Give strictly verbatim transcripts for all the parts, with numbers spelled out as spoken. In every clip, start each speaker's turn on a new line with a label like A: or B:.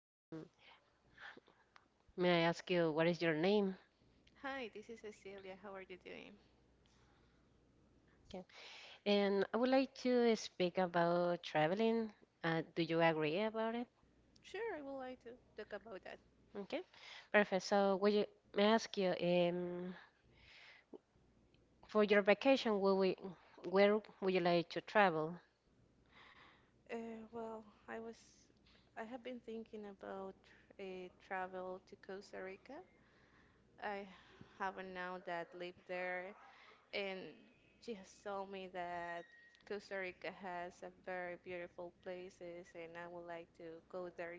A: Um, may I ask you what is your name?
B: Hi, this is Cecilia. How are you doing?
A: Okay. And I would like to speak about traveling. Uh, do you agree about it?
B: Sure, I would like to talk about that.
A: Okay, perfect. So, would you, may I ask you, um, for your vacation, will we, where would you like to travel?
B: Uh, well, I was, I have been thinking about a travel to Costa Rica. I have a now that lived there, and she has told me that Costa Rica has a very beautiful places, and I would like to go there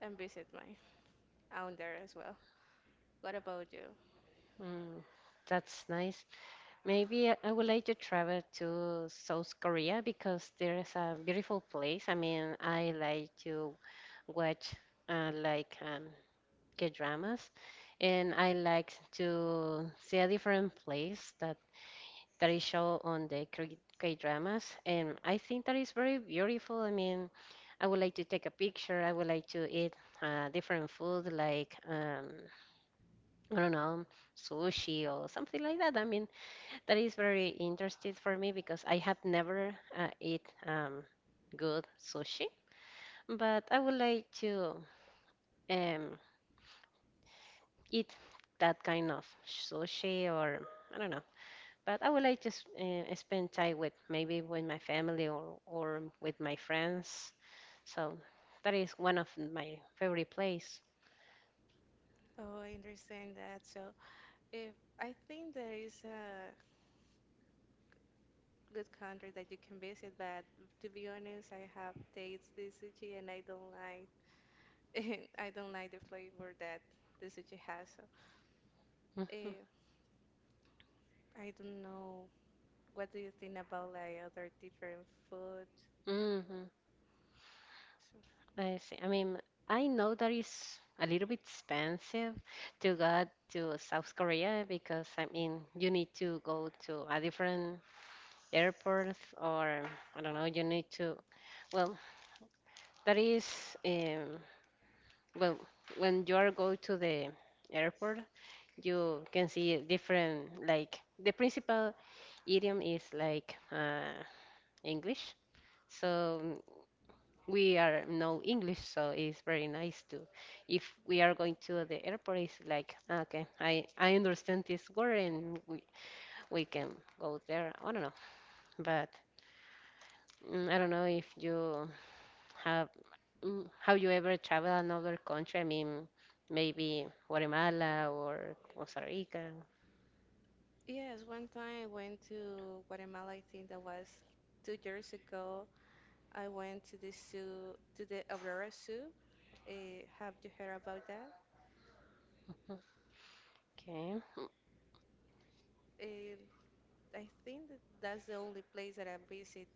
B: and visit my aunt there as well. What about you?
A: Mm, that's nice. Maybe I I would like to travel to South Korea because there is a beautiful place. I mean, I like to watch uh, like um, K-dramas, and I like to see a different place that that is show on the K- K-dramas, and I think that is very beautiful. I mean, I would like to take a picture. I would like to eat uh, different food like um, I don't know, sushi or something like that. I mean, that is very interesting for me because I have never uh, eat um, good sushi, but I would like to. Um, Eat that kind of sushi or I don't know. But I would like to s- uh, spend time with maybe with my family or or with my friends. So that is one of my favorite place.
B: Oh, I understand that. So, if I think there is a good country that you can visit, but to be honest, I have tasted the sushi and I don't like I don't like the flavor that the sushi has. So,
A: hmm
B: eh, I don't know. What do you think about like other different food?
A: hmm
B: So,
A: I see. I mean, I know that is a little bit expensive to go to South Korea because I mean you need to go to a different airport or I don't know. You need to, well, that is um, well, when you are go to the airport, you can see different like the principal idiom is like uh, English. So mm, we are no English, so it's very nice to if we are going to the airport, it's like, "Ah, okay, I I understand this word and we we can go there." I don't know, but mm, I don't know if you have mm, have you ever traveled another country? I mean, maybe Guatemala or Costa Rica.
B: yes, one time I went to Guatemala. I think that was two years ago. I went to the zoo, to the Aurora Zoo. Eh, have you heard about that?
A: Okay.
B: And I think that that's the only place that I visit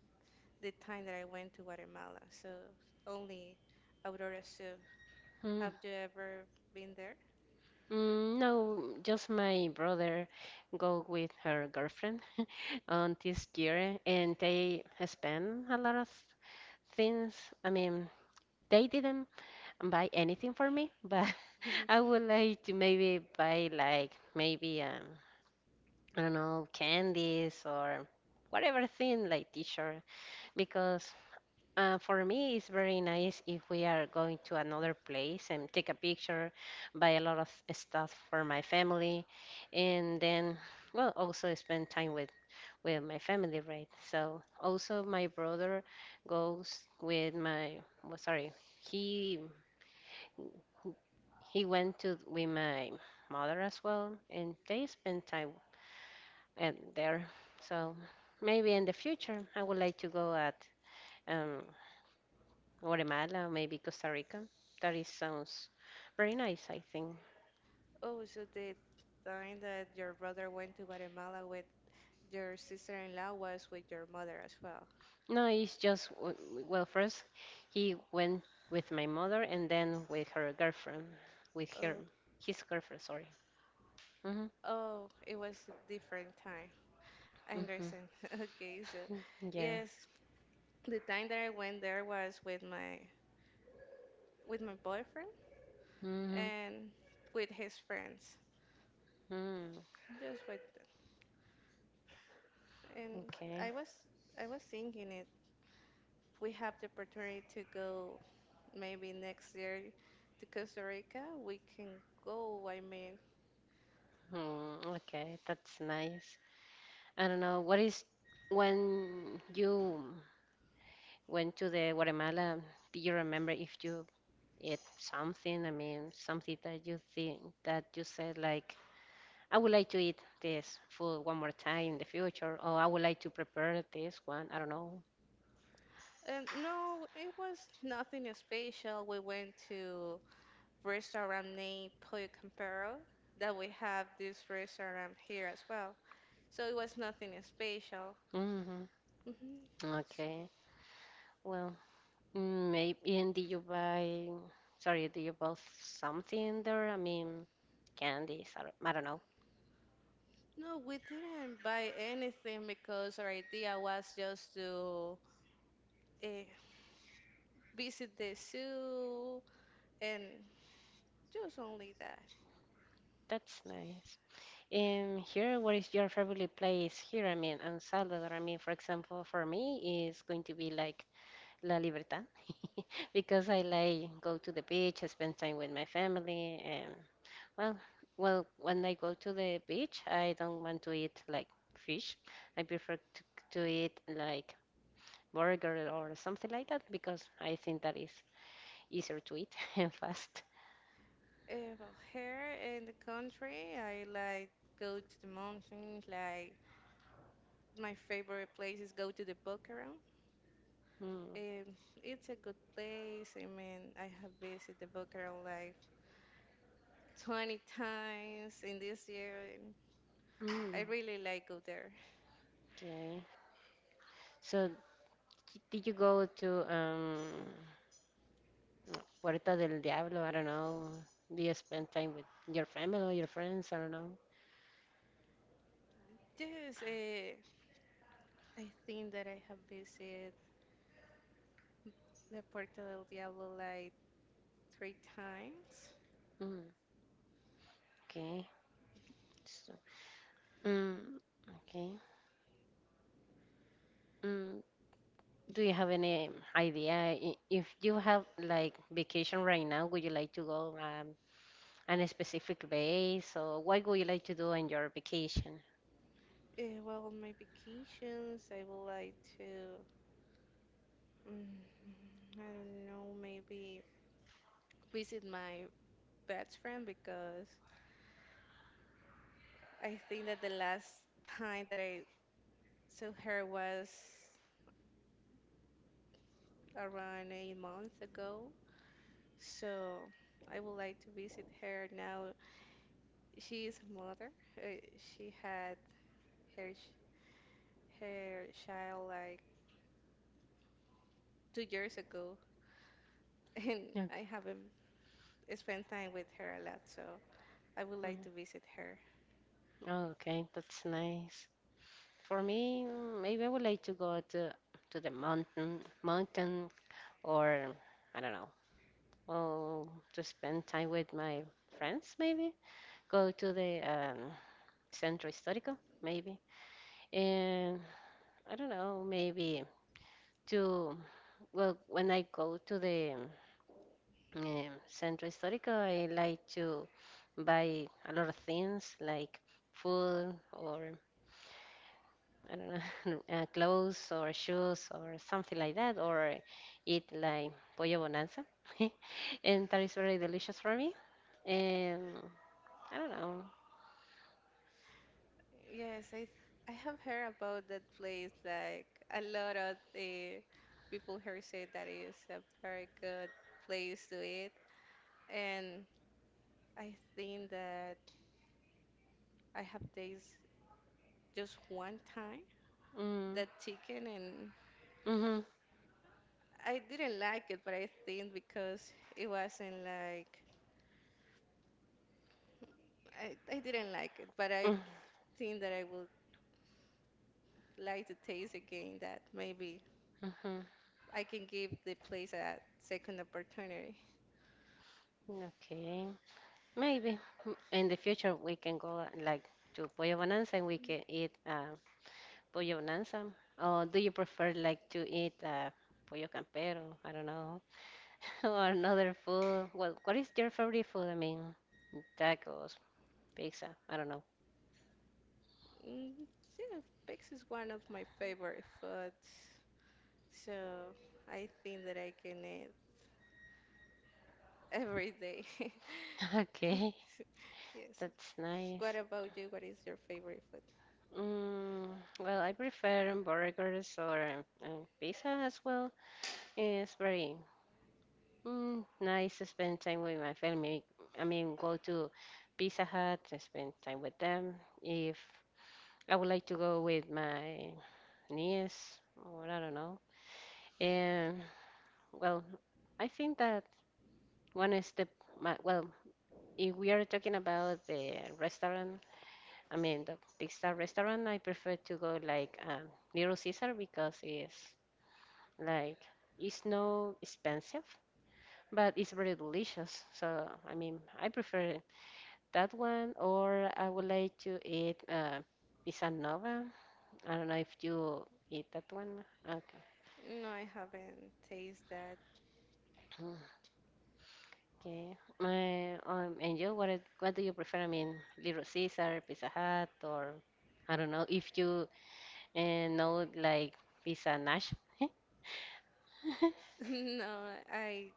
B: the time that I went to Guatemala. So only Aurora Soup.
A: Mm,
B: Have you ever been there?
A: mm, no, just my brother go with her girlfriend on this year, and they spend a lot of things. I mean, they didn't buy anything for me, but I would like to maybe buy like maybe um, I don't know, candies or whatever thing like t-shirt because uh, for me it's very nice if we are going to another place and take a picture, buy a lot of stuff for my family, and then, well, also spend time with with my family, right? So also my brother goes with my, well, sorry, he he went to with my mother as well, and they spend time at there. So maybe in the future I would like to go at. Um, Guatemala, maybe Costa Rica. That is sounds very nice, I think.
B: Oh, so the time that your brother went to Guatemala with your sister-in-law was with your mother as well.
A: No, it's just, w- w- well, first he went with my mother and then with her girlfriend, with her,
B: Oh,
A: his girlfriend, sorry. Mm-hmm,
B: oh, it was a different time. I understand. Okay, so
A: mm-hmm, yeah.
B: yes, the time that I went there was with my with my boyfriend
A: Mm-hmm,
B: and with his friends.
A: mm,
B: Just with and
A: okay.
B: I was I was thinking it we have the opportunity to go maybe next year to Costa Rica, we can go. I mean,
A: Mm, okay, that's nice. I don't know, what is, when you went to the Guatemala, do you remember if you eat something? I mean, something that you think that you said like, I would like to eat this food one more time in the future, or I would like to prepare this one. I don't know.
B: and no, it was nothing special. We went to restaurant named Pollo Campero that we have this restaurant here as well. So it was nothing special.
A: hmm
B: hmm
A: Okay. Well, maybe. And did you buy? Sorry, did you buy something there? I mean, candies. I don't, I don't know.
B: No, we didn't buy anything because our idea was just to uh, visit the zoo and just only that.
A: That's nice. Um, here, what is your favorite place here? I mean, in Salvador. I mean, for example, for me, is going to be like La Libertad because I like go to the beach, I spend time with my family, and, well, well, when I go to the beach, I don't want to eat like fish. I prefer to, to eat like burger or something like that because I think that is easier to eat and fast.
B: Uh, well, here in the country, I like go to the mountains. Like my favorite place is go to the Boquerón.
A: Mm.
B: Um, it's a good place. I mean, I have visited the Boquerón like twenty times in this year, and I
A: Mm,
B: really like go there.
A: okay. So, d- did you go to um, Puerta del Diablo? I don't know. Do you spend time with your family or your friends? I don't know.
B: Yes, uh, I think that I have visited the Puerto del Diablo like three times.
A: Mm, okay. So, mm, okay. Mm, do you have any idea i- if you have like vacation right now, would you like to go um, on a specific base or what would you like to do on your vacation?
B: Uh, well, on my vacations, I would like to. Mm, I don't know, maybe visit my best friend because I think that the last time that I saw her was around eight months ago. So I would like to visit her now. She is a mother. Uh, she had her ch- her child like two years ago, and
A: Okay.
B: I haven't spent time with her a lot. So I would like
A: Mm,
B: to visit her.
A: oh, okay, that's nice. For me, mm, maybe I would like to go to to the mountain, mountain or I don't know, oh, to spend time with my friends maybe. Go to the um, Centro Histórico maybe. And. I don't know, maybe to, well, when I go to the um, Centro Histórico, I like to buy a lot of things like food or I don't know, uh, clothes or shoes or something like that, or eat like pollo bonanza, and that is very delicious for me. And I don't know.
B: Yes, I I have heard about that place. Like a lot of the people here say that is a very good place to eat, and I think that I have tasted just one time
A: Mm,
B: that chicken, and
A: mm-hmm,
B: I didn't like it. But I think because it wasn't like I I didn't like it, but I think that I would like to taste again. That maybe
A: mm,
B: I can give the place a second opportunity.
A: hmm okay. Maybe m- in the future we can go uh, like to Pollo Bonanza and we can eat uh, Pollo Bonanza. Or do you prefer like to eat uh, Pollo Campero? I don't know. Or another food. Well, what is your favorite food? I mean, tacos, pizza. I don't know.
B: Mm, yeah, Pex is one of my favorite foods, so I think that I can eat every day.
A: Okay,
B: Yes.
A: that's nice.
B: What about you? What is your favorite food?
A: Mm, well, I prefer burgers or um, pizza as well. It's very Mm, nice to spend time with my family. I mean, go to Pizza Hut and spend time with them. If I would like to go with my niece, or I don't know. And, well, I think that one is the my, well, if we are talking about the restaurant, I mean the big star restaurant, I prefer to go like um, Little Caesar because it's like it's no expensive, but it's very delicious. So I mean, I prefer. That one, or I would like to eat uh, pizza nova. I don't know if you eat that one. Okay.
B: No, I haven't tasted that.
A: Mm, Okay. My, um, and you, what, is- what do you prefer? I mean, Little Caesar, Pizza Hut, or I don't know if you uh, know like Pizza Nash.
B: No, I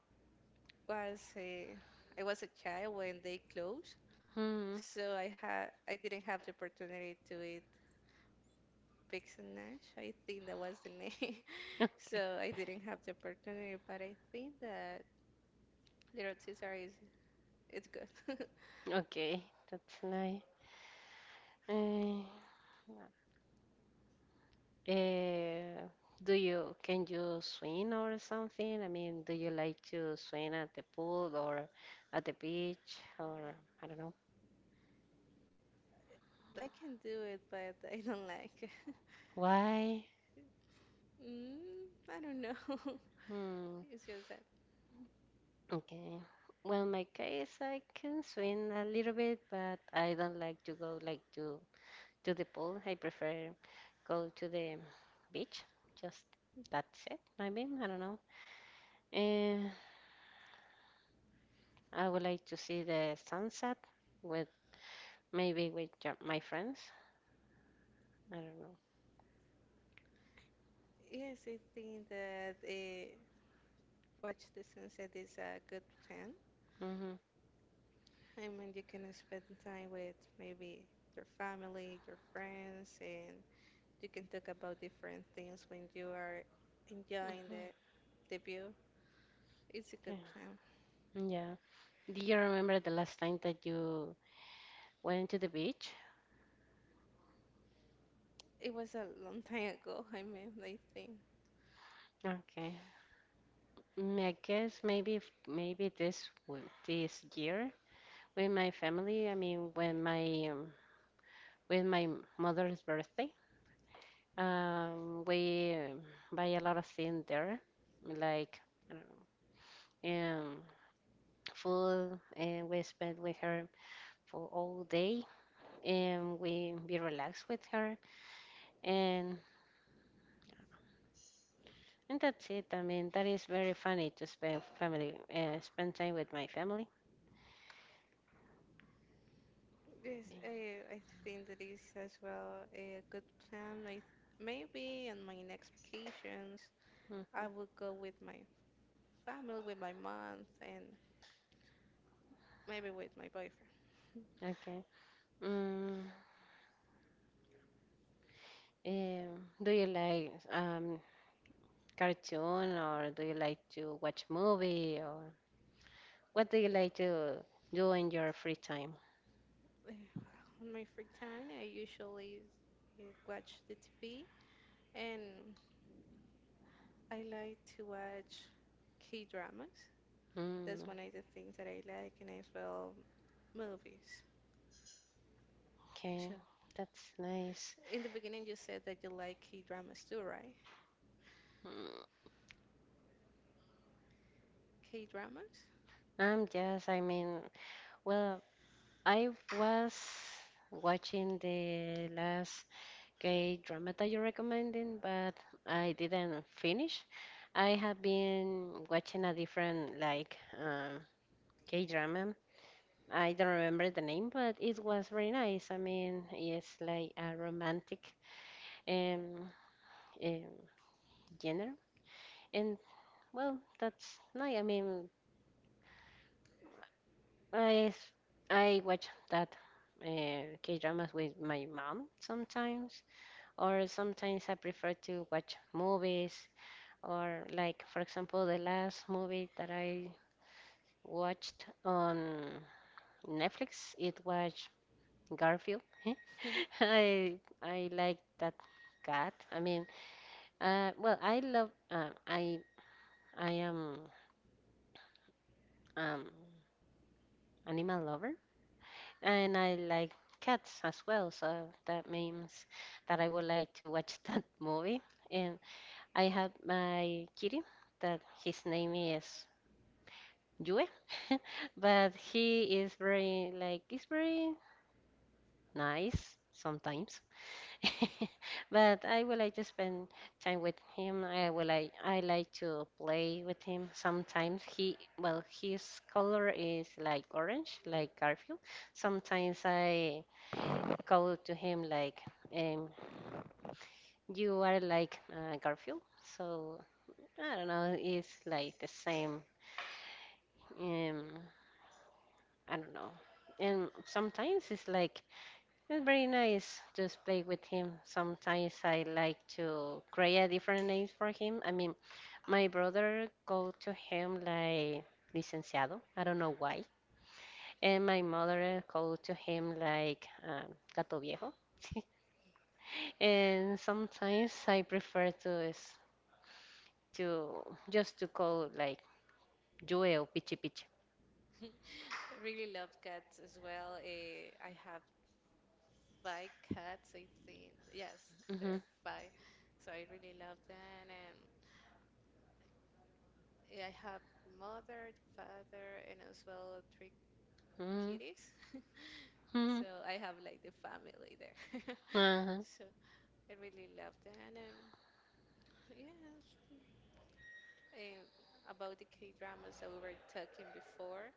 B: was a, I was a child when they closed,
A: hmm.
B: so I had I didn't have the opportunity to eat Pigs and Nash. I think that was the name,
A: Okay.
B: so I didn't have the opportunity. But I think that Little Caesar is It's good. I
A: Okay. That's nice. Uh, Uh, do you, can you swim or something? I mean, do you like to swim at the pool or at the beach or I don't know.
B: can do it, but I don't like it.
A: Why?
B: Mm, I don't know.
A: Hmm.
B: It's just that.
A: Okay. Well, my case, I can swim a little bit, but I don't like to go like to to the pool. I prefer go to the beach. Just that's it. Maybe I don't know. Uh, I would like to see the sunset with maybe with ja- my friends. I don't know.
B: Yes, I think that uh, watch the sunset is a good plan.
A: Mhm.
B: I mean, you can spend time with maybe your family, your friends, and you can talk about different things when you are enjoying
A: Mhm.
B: the, the view. It's a
A: Yeah.
B: good plan.
A: Yeah. Do you remember the last time that you went to the beach?
B: It was a long time ago, I mean, I think.
A: Okay. Mm, I guess maybe f- maybe this w- this year with my family. I mean, when my um, with my m- mother's birthday, um, we um, buy a lot of things there, like I don't know, um, food, and we spend with her for all day, and we be relaxed with her and and that's it. I mean, that is very funny to spend family, uh, spend time with my family.
B: Yes, I, I think that is as well a good plan. I, maybe on my next vacations, I
A: Mhm.
B: will go with my family, with my mom, and maybe with my boyfriend.
A: Okay. Mm, um, do you like um cartoon or do you like to watch movie or what do you like to do in your free time?
B: Eh, On my free time, I usually eh, watch the T V, and I like to watch K-dramas. That's
A: Mm,
B: one of the things that I like, and as well movies.
A: okay,
B: So,
A: that's nice.
B: in the beginning, you said that you like K-dramas too, right?
A: Mm,
B: K-dramas?
A: I'm just, I mean, well, I was watching the last, okay, drama that you're recommending, but I didn't finish. I have been watching a different like um, K drama. I don't remember the name, but it was very nice. I mean, it's like a romantic um, um genre, and, well, that's nice. I mean, I s- I watch that uh, K dramas with my mom sometimes, or sometimes I prefer to watch movies. Or like, for example, the last movie that I watched on Netflix, it was Garfield. I I like that cat. I mean, uh, well, I love uh, I I am um animal lover and I like cats as well. So that means that I would like to watch that movie. And I have my kitty that his name is Yue, but he is very like, he's very nice sometimes. But I would like to spend time with him. I would like, I like to play with him sometimes. He, well, his color is like orange, like Garfield. Sometimes I call to him like, um you are like uh, Garfield. So I don't know, it's like the same, um I don't know. And sometimes it's like, it's very nice to play with him. Sometimes I like to create different names for him. I mean, my brother called to him like licenciado. I don't know why. And my mother called to him like um, gato viejo. And sometimes I prefer to s- to just to call like Joel Pichi Pichi.
B: I really love cats as well. Eh, I have five cats, I think. Yes, there
A: Mm-hmm.
B: are five. So I really love them. And eh, I have the mother, the father, and as well three kitties.
A: Mm-hmm.
B: So I have like the family there.
A: Uh-huh.
B: So I really love that. And yes, and about the K dramas that we were talking before,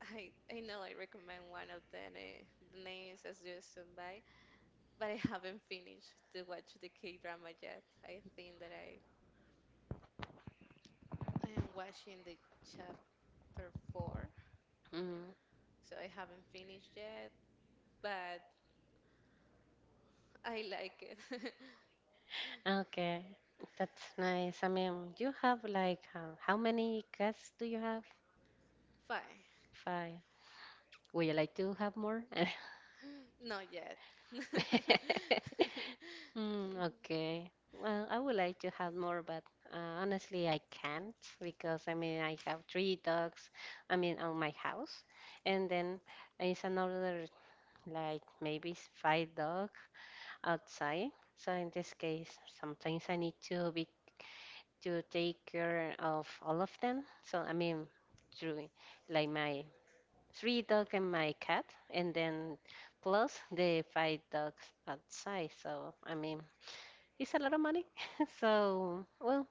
B: I I know I recommend one of them. Uh, the name is As You Stand By, but I haven't finished to watch the K drama yet. I think that I I am watching the chapter four, so I haven't finished yet, but I like it.
A: Okay, that's nice. I mean, you have like uh, how many cats do you have?
B: Fine,
A: Five. Would you like to have more?
B: not yet.
A: Mm, okay. Well, I would like to have more, but uh, honestly, I can't because I mean, I have three dogs, I mean, on my house, and then it's another like maybe s- five dogs outside. So in this case, sometimes I need to be to take care of all of them. So I mean, through like my three dog and my cat, and then plus the five dogs outside. So I mean, it's a lot of money. so well,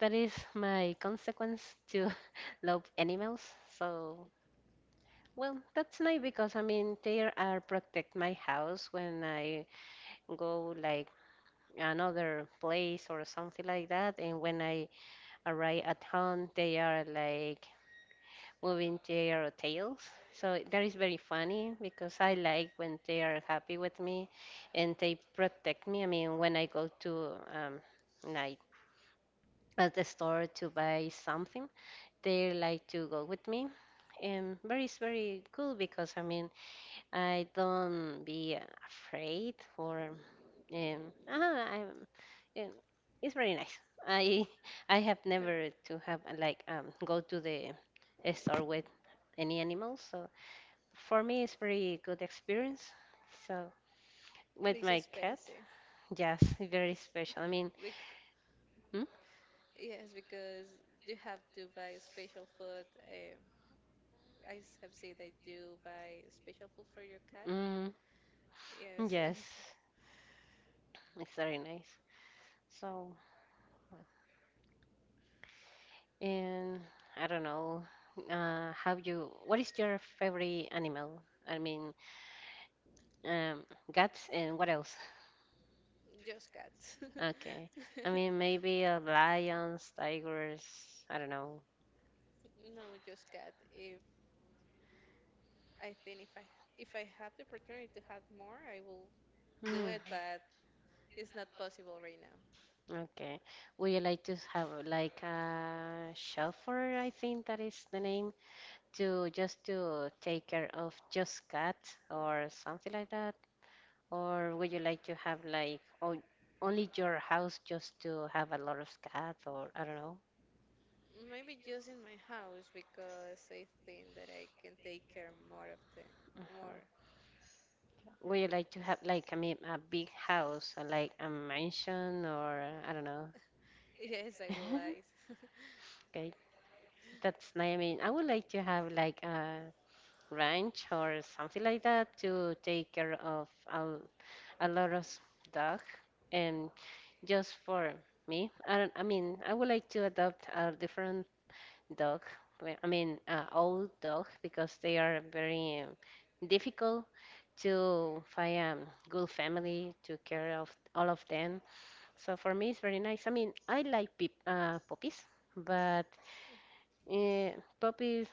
A: that is my consequence to love animals. So. Well, that's nice because I mean they are protect my house when I go like another place or something like that, and when I arrive at home, they are like moving their tails. So that is very funny because I like when they are happy with me and they protect me. I mean, when I go to um, like at the store to buy something, they like to go with me. And very is very cool because I mean I don't be afraid or um, ah, I'm, um, it's very nice. I I have
B: But
A: never to have uh, like um go to the store with any animals, so for me, it's very good experience. So with
B: it's
A: my cat,
B: expensive.
A: yes, very
B: It's
A: special. I mean,
B: bec-
A: mm,
B: yes, because you have to buy special food. eh, I s- have seen that you buy special food for your cat.
A: mm,
B: Yes,
A: yes, it's very nice. So, and I don't know, uh, how you? What is your favorite animal? I mean, um, cats and what else?
B: just cats.
A: Okay, I mean maybe uh, lions, tigers. I don't know.
B: No, just cat. If I think if I if I have the opportunity to have more, I will do
A: Hmm.
B: it, but it's not possible right now.
A: Okay. Would you like to have like a shelter? I think that is the name to just to take care of just cats or something like that? Or would you like to have like on, only your house just to have a lot of cats or I don't know?
B: Maybe just in my house because I think that I can take care more of them.
A: Mhm.
B: More.
A: Would you like to have like I mean a big house or like a mansion or uh, I don't know?
B: Yes, I will like.
A: Okay, that's nice. I mean, I would like to have like a ranch or something like that to take care of a, a lot of dog and just for me I, don't, I mean I would like to adopt a different dog well, I mean uh, old dog because they are very um, difficult to find a good family to care of all of them, so for me it's very nice. I mean I like peop uh, puppies but uh, puppies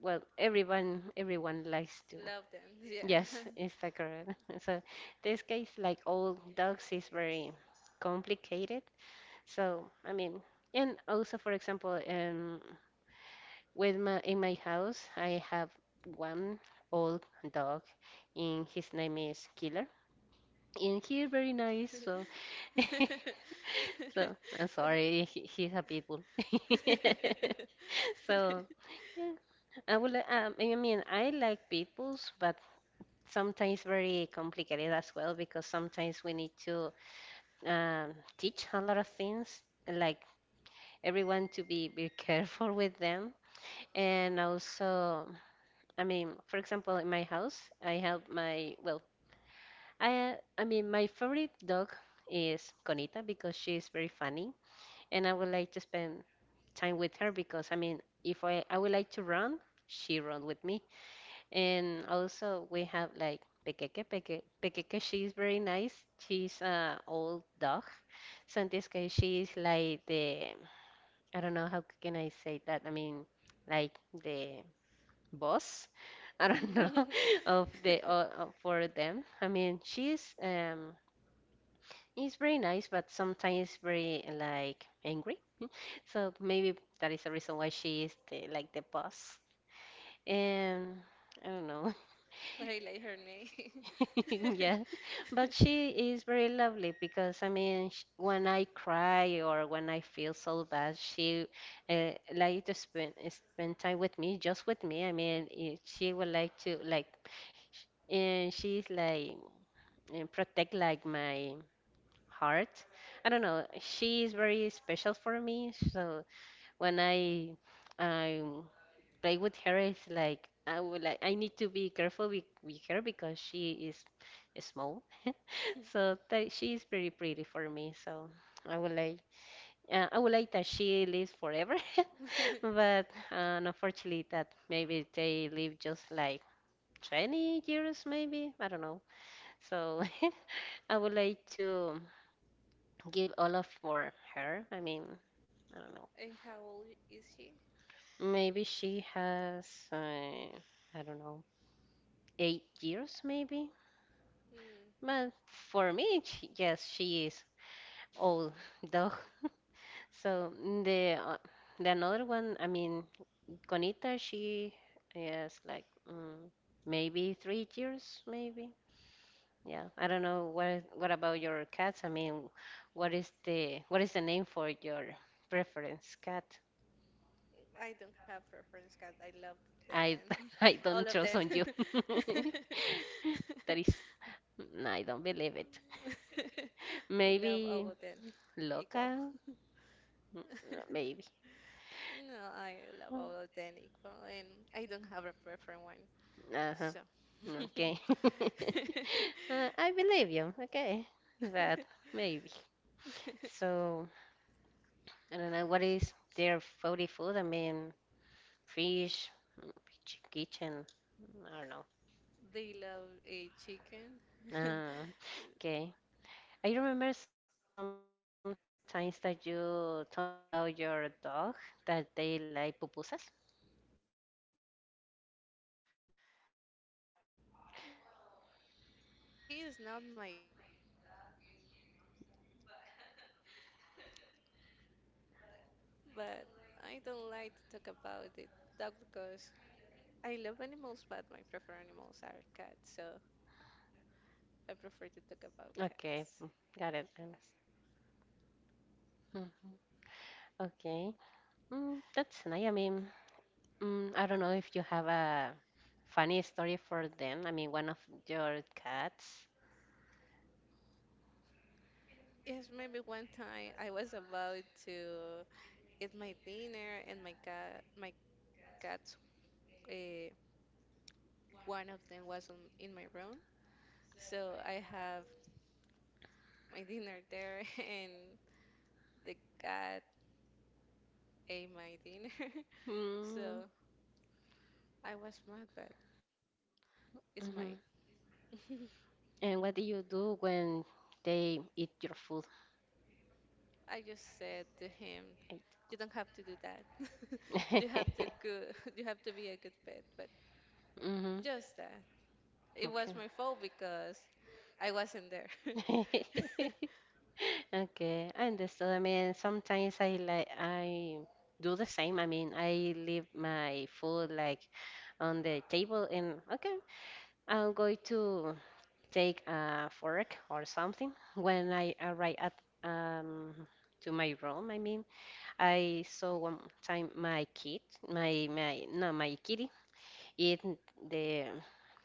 A: well everyone everyone likes to.
B: Love them. Yeah.
A: Yes, it's the correct. So this case, like all dogs, is very complicated. So I mean, and also for example, um, with my in my house, I have one old dog, and his name is Killer, and he's very nice. So, so I'm sorry, he, he's a pit bull. So, yeah, I would. li- Um, I mean, I like pit bulls, but sometimes very complicated as well because sometimes we need to um, teach a lot of things like everyone to be be careful with them. And also I mean for example in my house I have my well I I mean my favorite dog is Conita because she is very funny and I would like to spend time with her because I mean if i I would like to run she runs with me. And also we have like Pequeque. Peque, Pequeque, she's very nice. She's an old dog. So in this case, she's like the, I don't know how can I say that. I mean, like the boss. I don't know of the uh, uh, for them. I mean, she's um is very nice, but sometimes very like angry. So maybe that is the reason why she is the, like the boss. And I don't know.
B: But I like her name.
A: Yeah, but she is very lovely because I mean, sh when I cry or when I feel so bad, she uh, like to spend spend time with me, just with me. I mean, eh, she would like to like, sh- and she's like eh, protect like my heart. I don't know. She is very special for me. So when I I play with her, it's like I would like I need to be careful with, with her because she is small, so Ta- she is pretty pretty for me. So I would like uh, I would like that she lives forever, but uh, unfortunately that maybe they live just like twenty years maybe, I don't know. So I would like to give all of for her. I mean I don't know.
B: And how old is she?
A: Maybe she has uh, I don't know eight years maybe.
B: Mm.
A: But for me, she, yes, she is old dog. So the uh, the another one, I mean, Conita, she is like mm, maybe three years, maybe. Yeah, I don't know what is, what about your cats? I mean, what is the what is the name for your preference cat?
B: I don't have preference, cat. I love
A: I
B: them.
A: I
B: All
A: don't
B: of
A: trust
B: them.
A: on you. That is, no, I don't believe it.
B: I love
A: Maybe
B: all of them equal.
A: Loca, Mm, maybe.
B: No, I love all of them equal, and I don't have a preferred one.
A: Uh-huh.
B: So
A: Okay. Uh, I believe you. Okay. That maybe. So, I don't know what is their favorite food. I mean, fish, mm, chi- kitchen. I don't know.
B: they love a chicken.
A: Ah, okay. I remember sometimes that you told me about your dog that they like pupusas.
B: Well, he is not my dog, is my mom's dog, but but I don't like to talk about it. That because I love animals, but my preferred animals are cats, so I prefer to talk about cats.
A: Okay. mm, Got it. I understand. Mhm. Okay. Mm, that's nice. I mean, Mm, I don't know if you have a funny story for them. I mean, one of your cats.
B: Yes, maybe one time I was about to eat my dinner, and my cat, my cats, uh, one of them was on, in my room, so I have my dinner there, and the cat ate my dinner, so
A: Hmm.
B: I was mad, but
A: Hmm.
B: it's my
A: And what do you do when they eat your food?
B: I just said to him, you don't have to do that. You have to go, you have to be a good pet, but
A: Mm-hmm.
B: just that. It was my fault because I wasn't there.
A: Okay. Okay, I understood. I mean, sometimes I like I do the same. I mean, I leave my food like on the table and okay, I'm going to take a fork or something. When I arrived at um, to my room, I mean, I saw one time my kid, my my no, my kitty eat the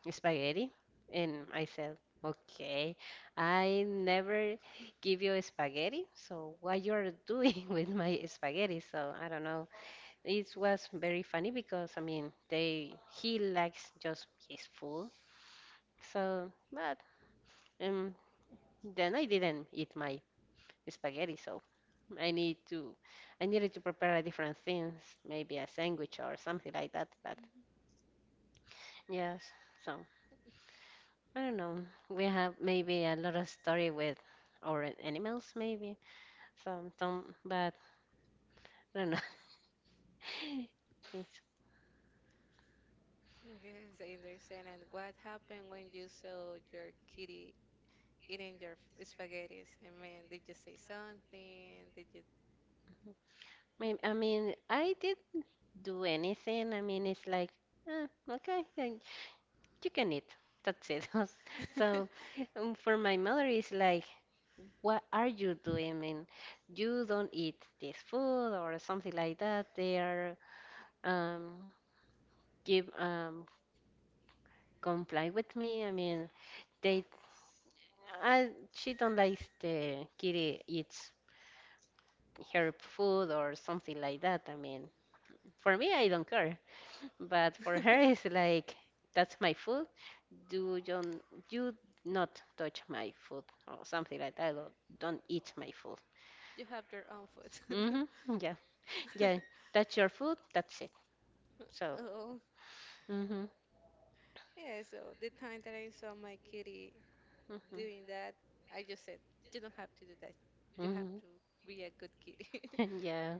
A: spaghetti, and I said, "Okay, I never give you spaghetti, so what you're doing with my spaghetti?" So I don't know. It was very funny because I mean, they he likes just his food, so but. Um, then I didn't eat my spaghetti, so I need to I needed to prepare a different things, maybe a sandwich or something like that. But yes, so I don't know. We have maybe a lot of story with our animals, maybe some some, but I don't know. It's,
B: Yes, I understand. And what happened when you saw your kitty eating your spaghetti? I mean, did you say something? Did you?
A: may- I mean, I did not do anything. I mean, it's like, eh, okay, I you can eat. That's it. So um, for my mother, it's like, what are you doing? I mean, you don't eat this food or something like that. They are um, give um, comply with me. I mean, they. I, she don't like the kitty eats her food or something like that. I mean, for me, I don't care, but for her, it's like that's my food, do you, you not touch my food or something like that or don't eat my food.
B: You have your own food.
A: Hmm. Yeah, yeah, that's your food, that's it. So.
B: Oh,
A: Hmm.
B: yeah. So the time that I saw my kitty doing that, I just said, You don't have to do that. You have
A: Hmm.
B: to be a good kitty.
A: Yeah,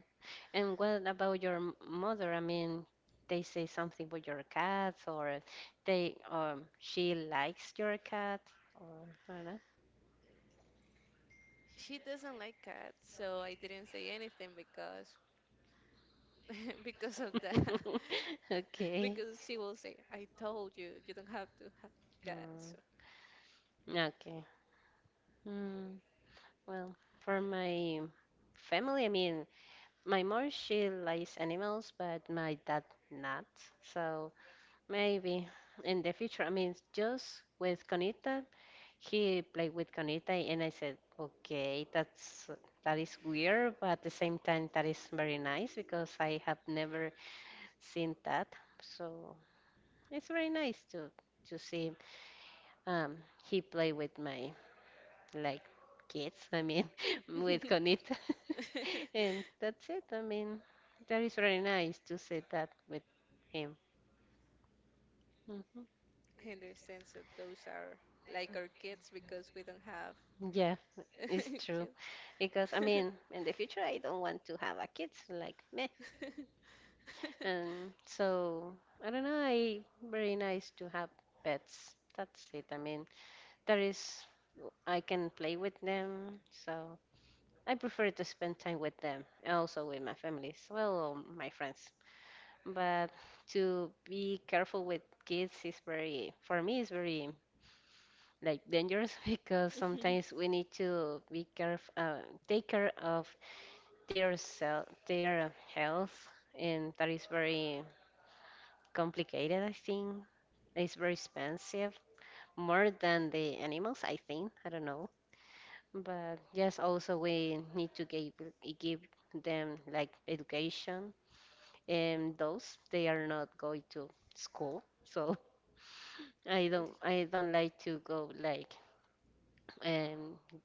A: and what about your m- mother, I mean they say something about your cats or they um she likes your cat or I don't know?
B: She doesn't like cats, so I didn't say anything because because of that.
A: Okay.
B: Because she will say, I told you, you don't have to have cats.
A: Mm,
B: So
A: okay. Mm, well, for my family, I mean, my mom, she likes animals, but my dad not. So maybe in the future, I mean, just with Conita, he played with Conita, and I said, okay, that's that is weird, but at the same time, that is very nice because I have never seen that. So it's very nice to to see um, he play with my like kids, I mean, with Conita. And that's it. I mean, that is very nice to say that with him. Hmm.
B: I understand. So those are like our kids because we don't have
A: Yeah, it's true.
B: chil-
A: Because, I mean, in the future, I don't want to have a kids like me. And so, I don't know, I very nice to have pets. That's it. I mean, there is, I can play with them. So, I prefer to spend time with them, and also with my families, well, or my friends. But to be careful with kids is very for me is very like dangerous because sometimes we need to be careful uh, take care of their self their health, and that is very complicated. I think it's very expensive more than the animals, I think, I don't know, but yes, also we need to give give them like education and those they are not going to school. So I don't I don't like to go like um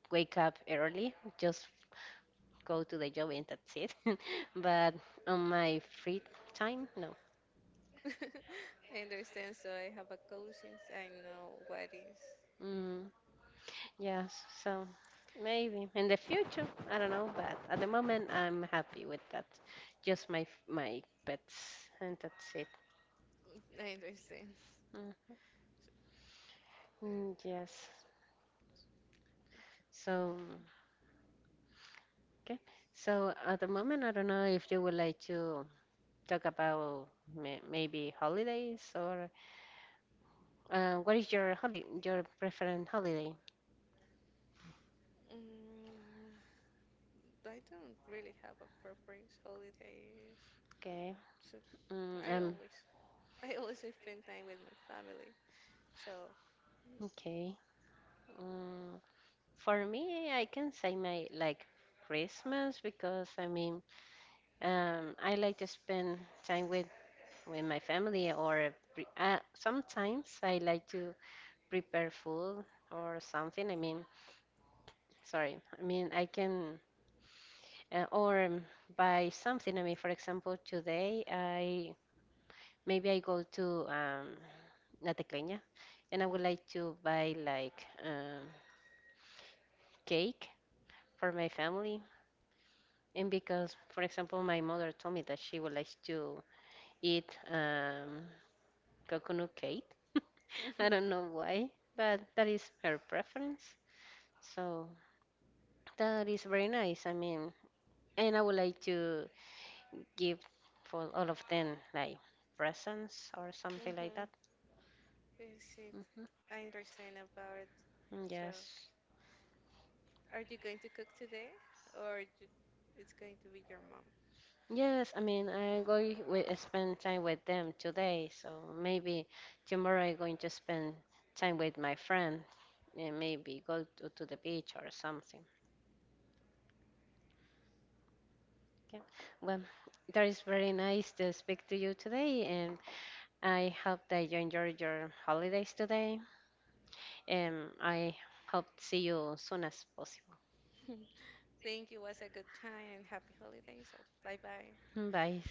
A: wake up early, just go to the job and that's it. But on my free time, no.
B: I understand. So I have a conscience. I know what is.
A: Mm, yes, so maybe in the future, I don't know, but at the moment I'm happy with that. Just my f- my pets and that's it.
B: I understand.
A: Mm, mm, yes. So, okay. So at the moment, I don't know if you would like to talk about may maybe holidays or. Uh, what is your holiday, your preferred holiday?
B: Mm, I don't really have a preference holidays.
A: Okay.
B: So
A: Mm,
B: I
A: um.
B: always, I always spend time with my family. So,
A: Okay. Mm, for me, I can say my like Christmas because I mean, um, I like to spend time with with my family or pre uh, sometimes I like to prepare food or something. I mean, sorry. I mean, I can uh, or um, buy something. I mean, for example, today I maybe I go to um La Tecleña, and I would like to buy like um, cake for my family. And because, for example, my mother told me that she would like to eat um, coconut cake.
B: mm-hmm,
A: I don't know why, but that is her preference. So that is very nice. I mean, and I would like to give for all of them like presents or something like that.
B: mm-hmm. Yes, it,
A: Hmm.
B: I understand about it. So,
A: Yes.
B: are you going to cook today, or you, it's going to be your mom?
A: Yes, I mean, I'm going to spend time with them today, so maybe tomorrow I'm going to spend time with my friend and maybe go to, to the beach or something. Okay. Well, that is very nice to speak to you today, and I hope that you enjoyed your holidays today, and I hope to see you as soon as possible.
B: Thank you. Was a good time and happy holidays. So, bye bye.
A: Bye.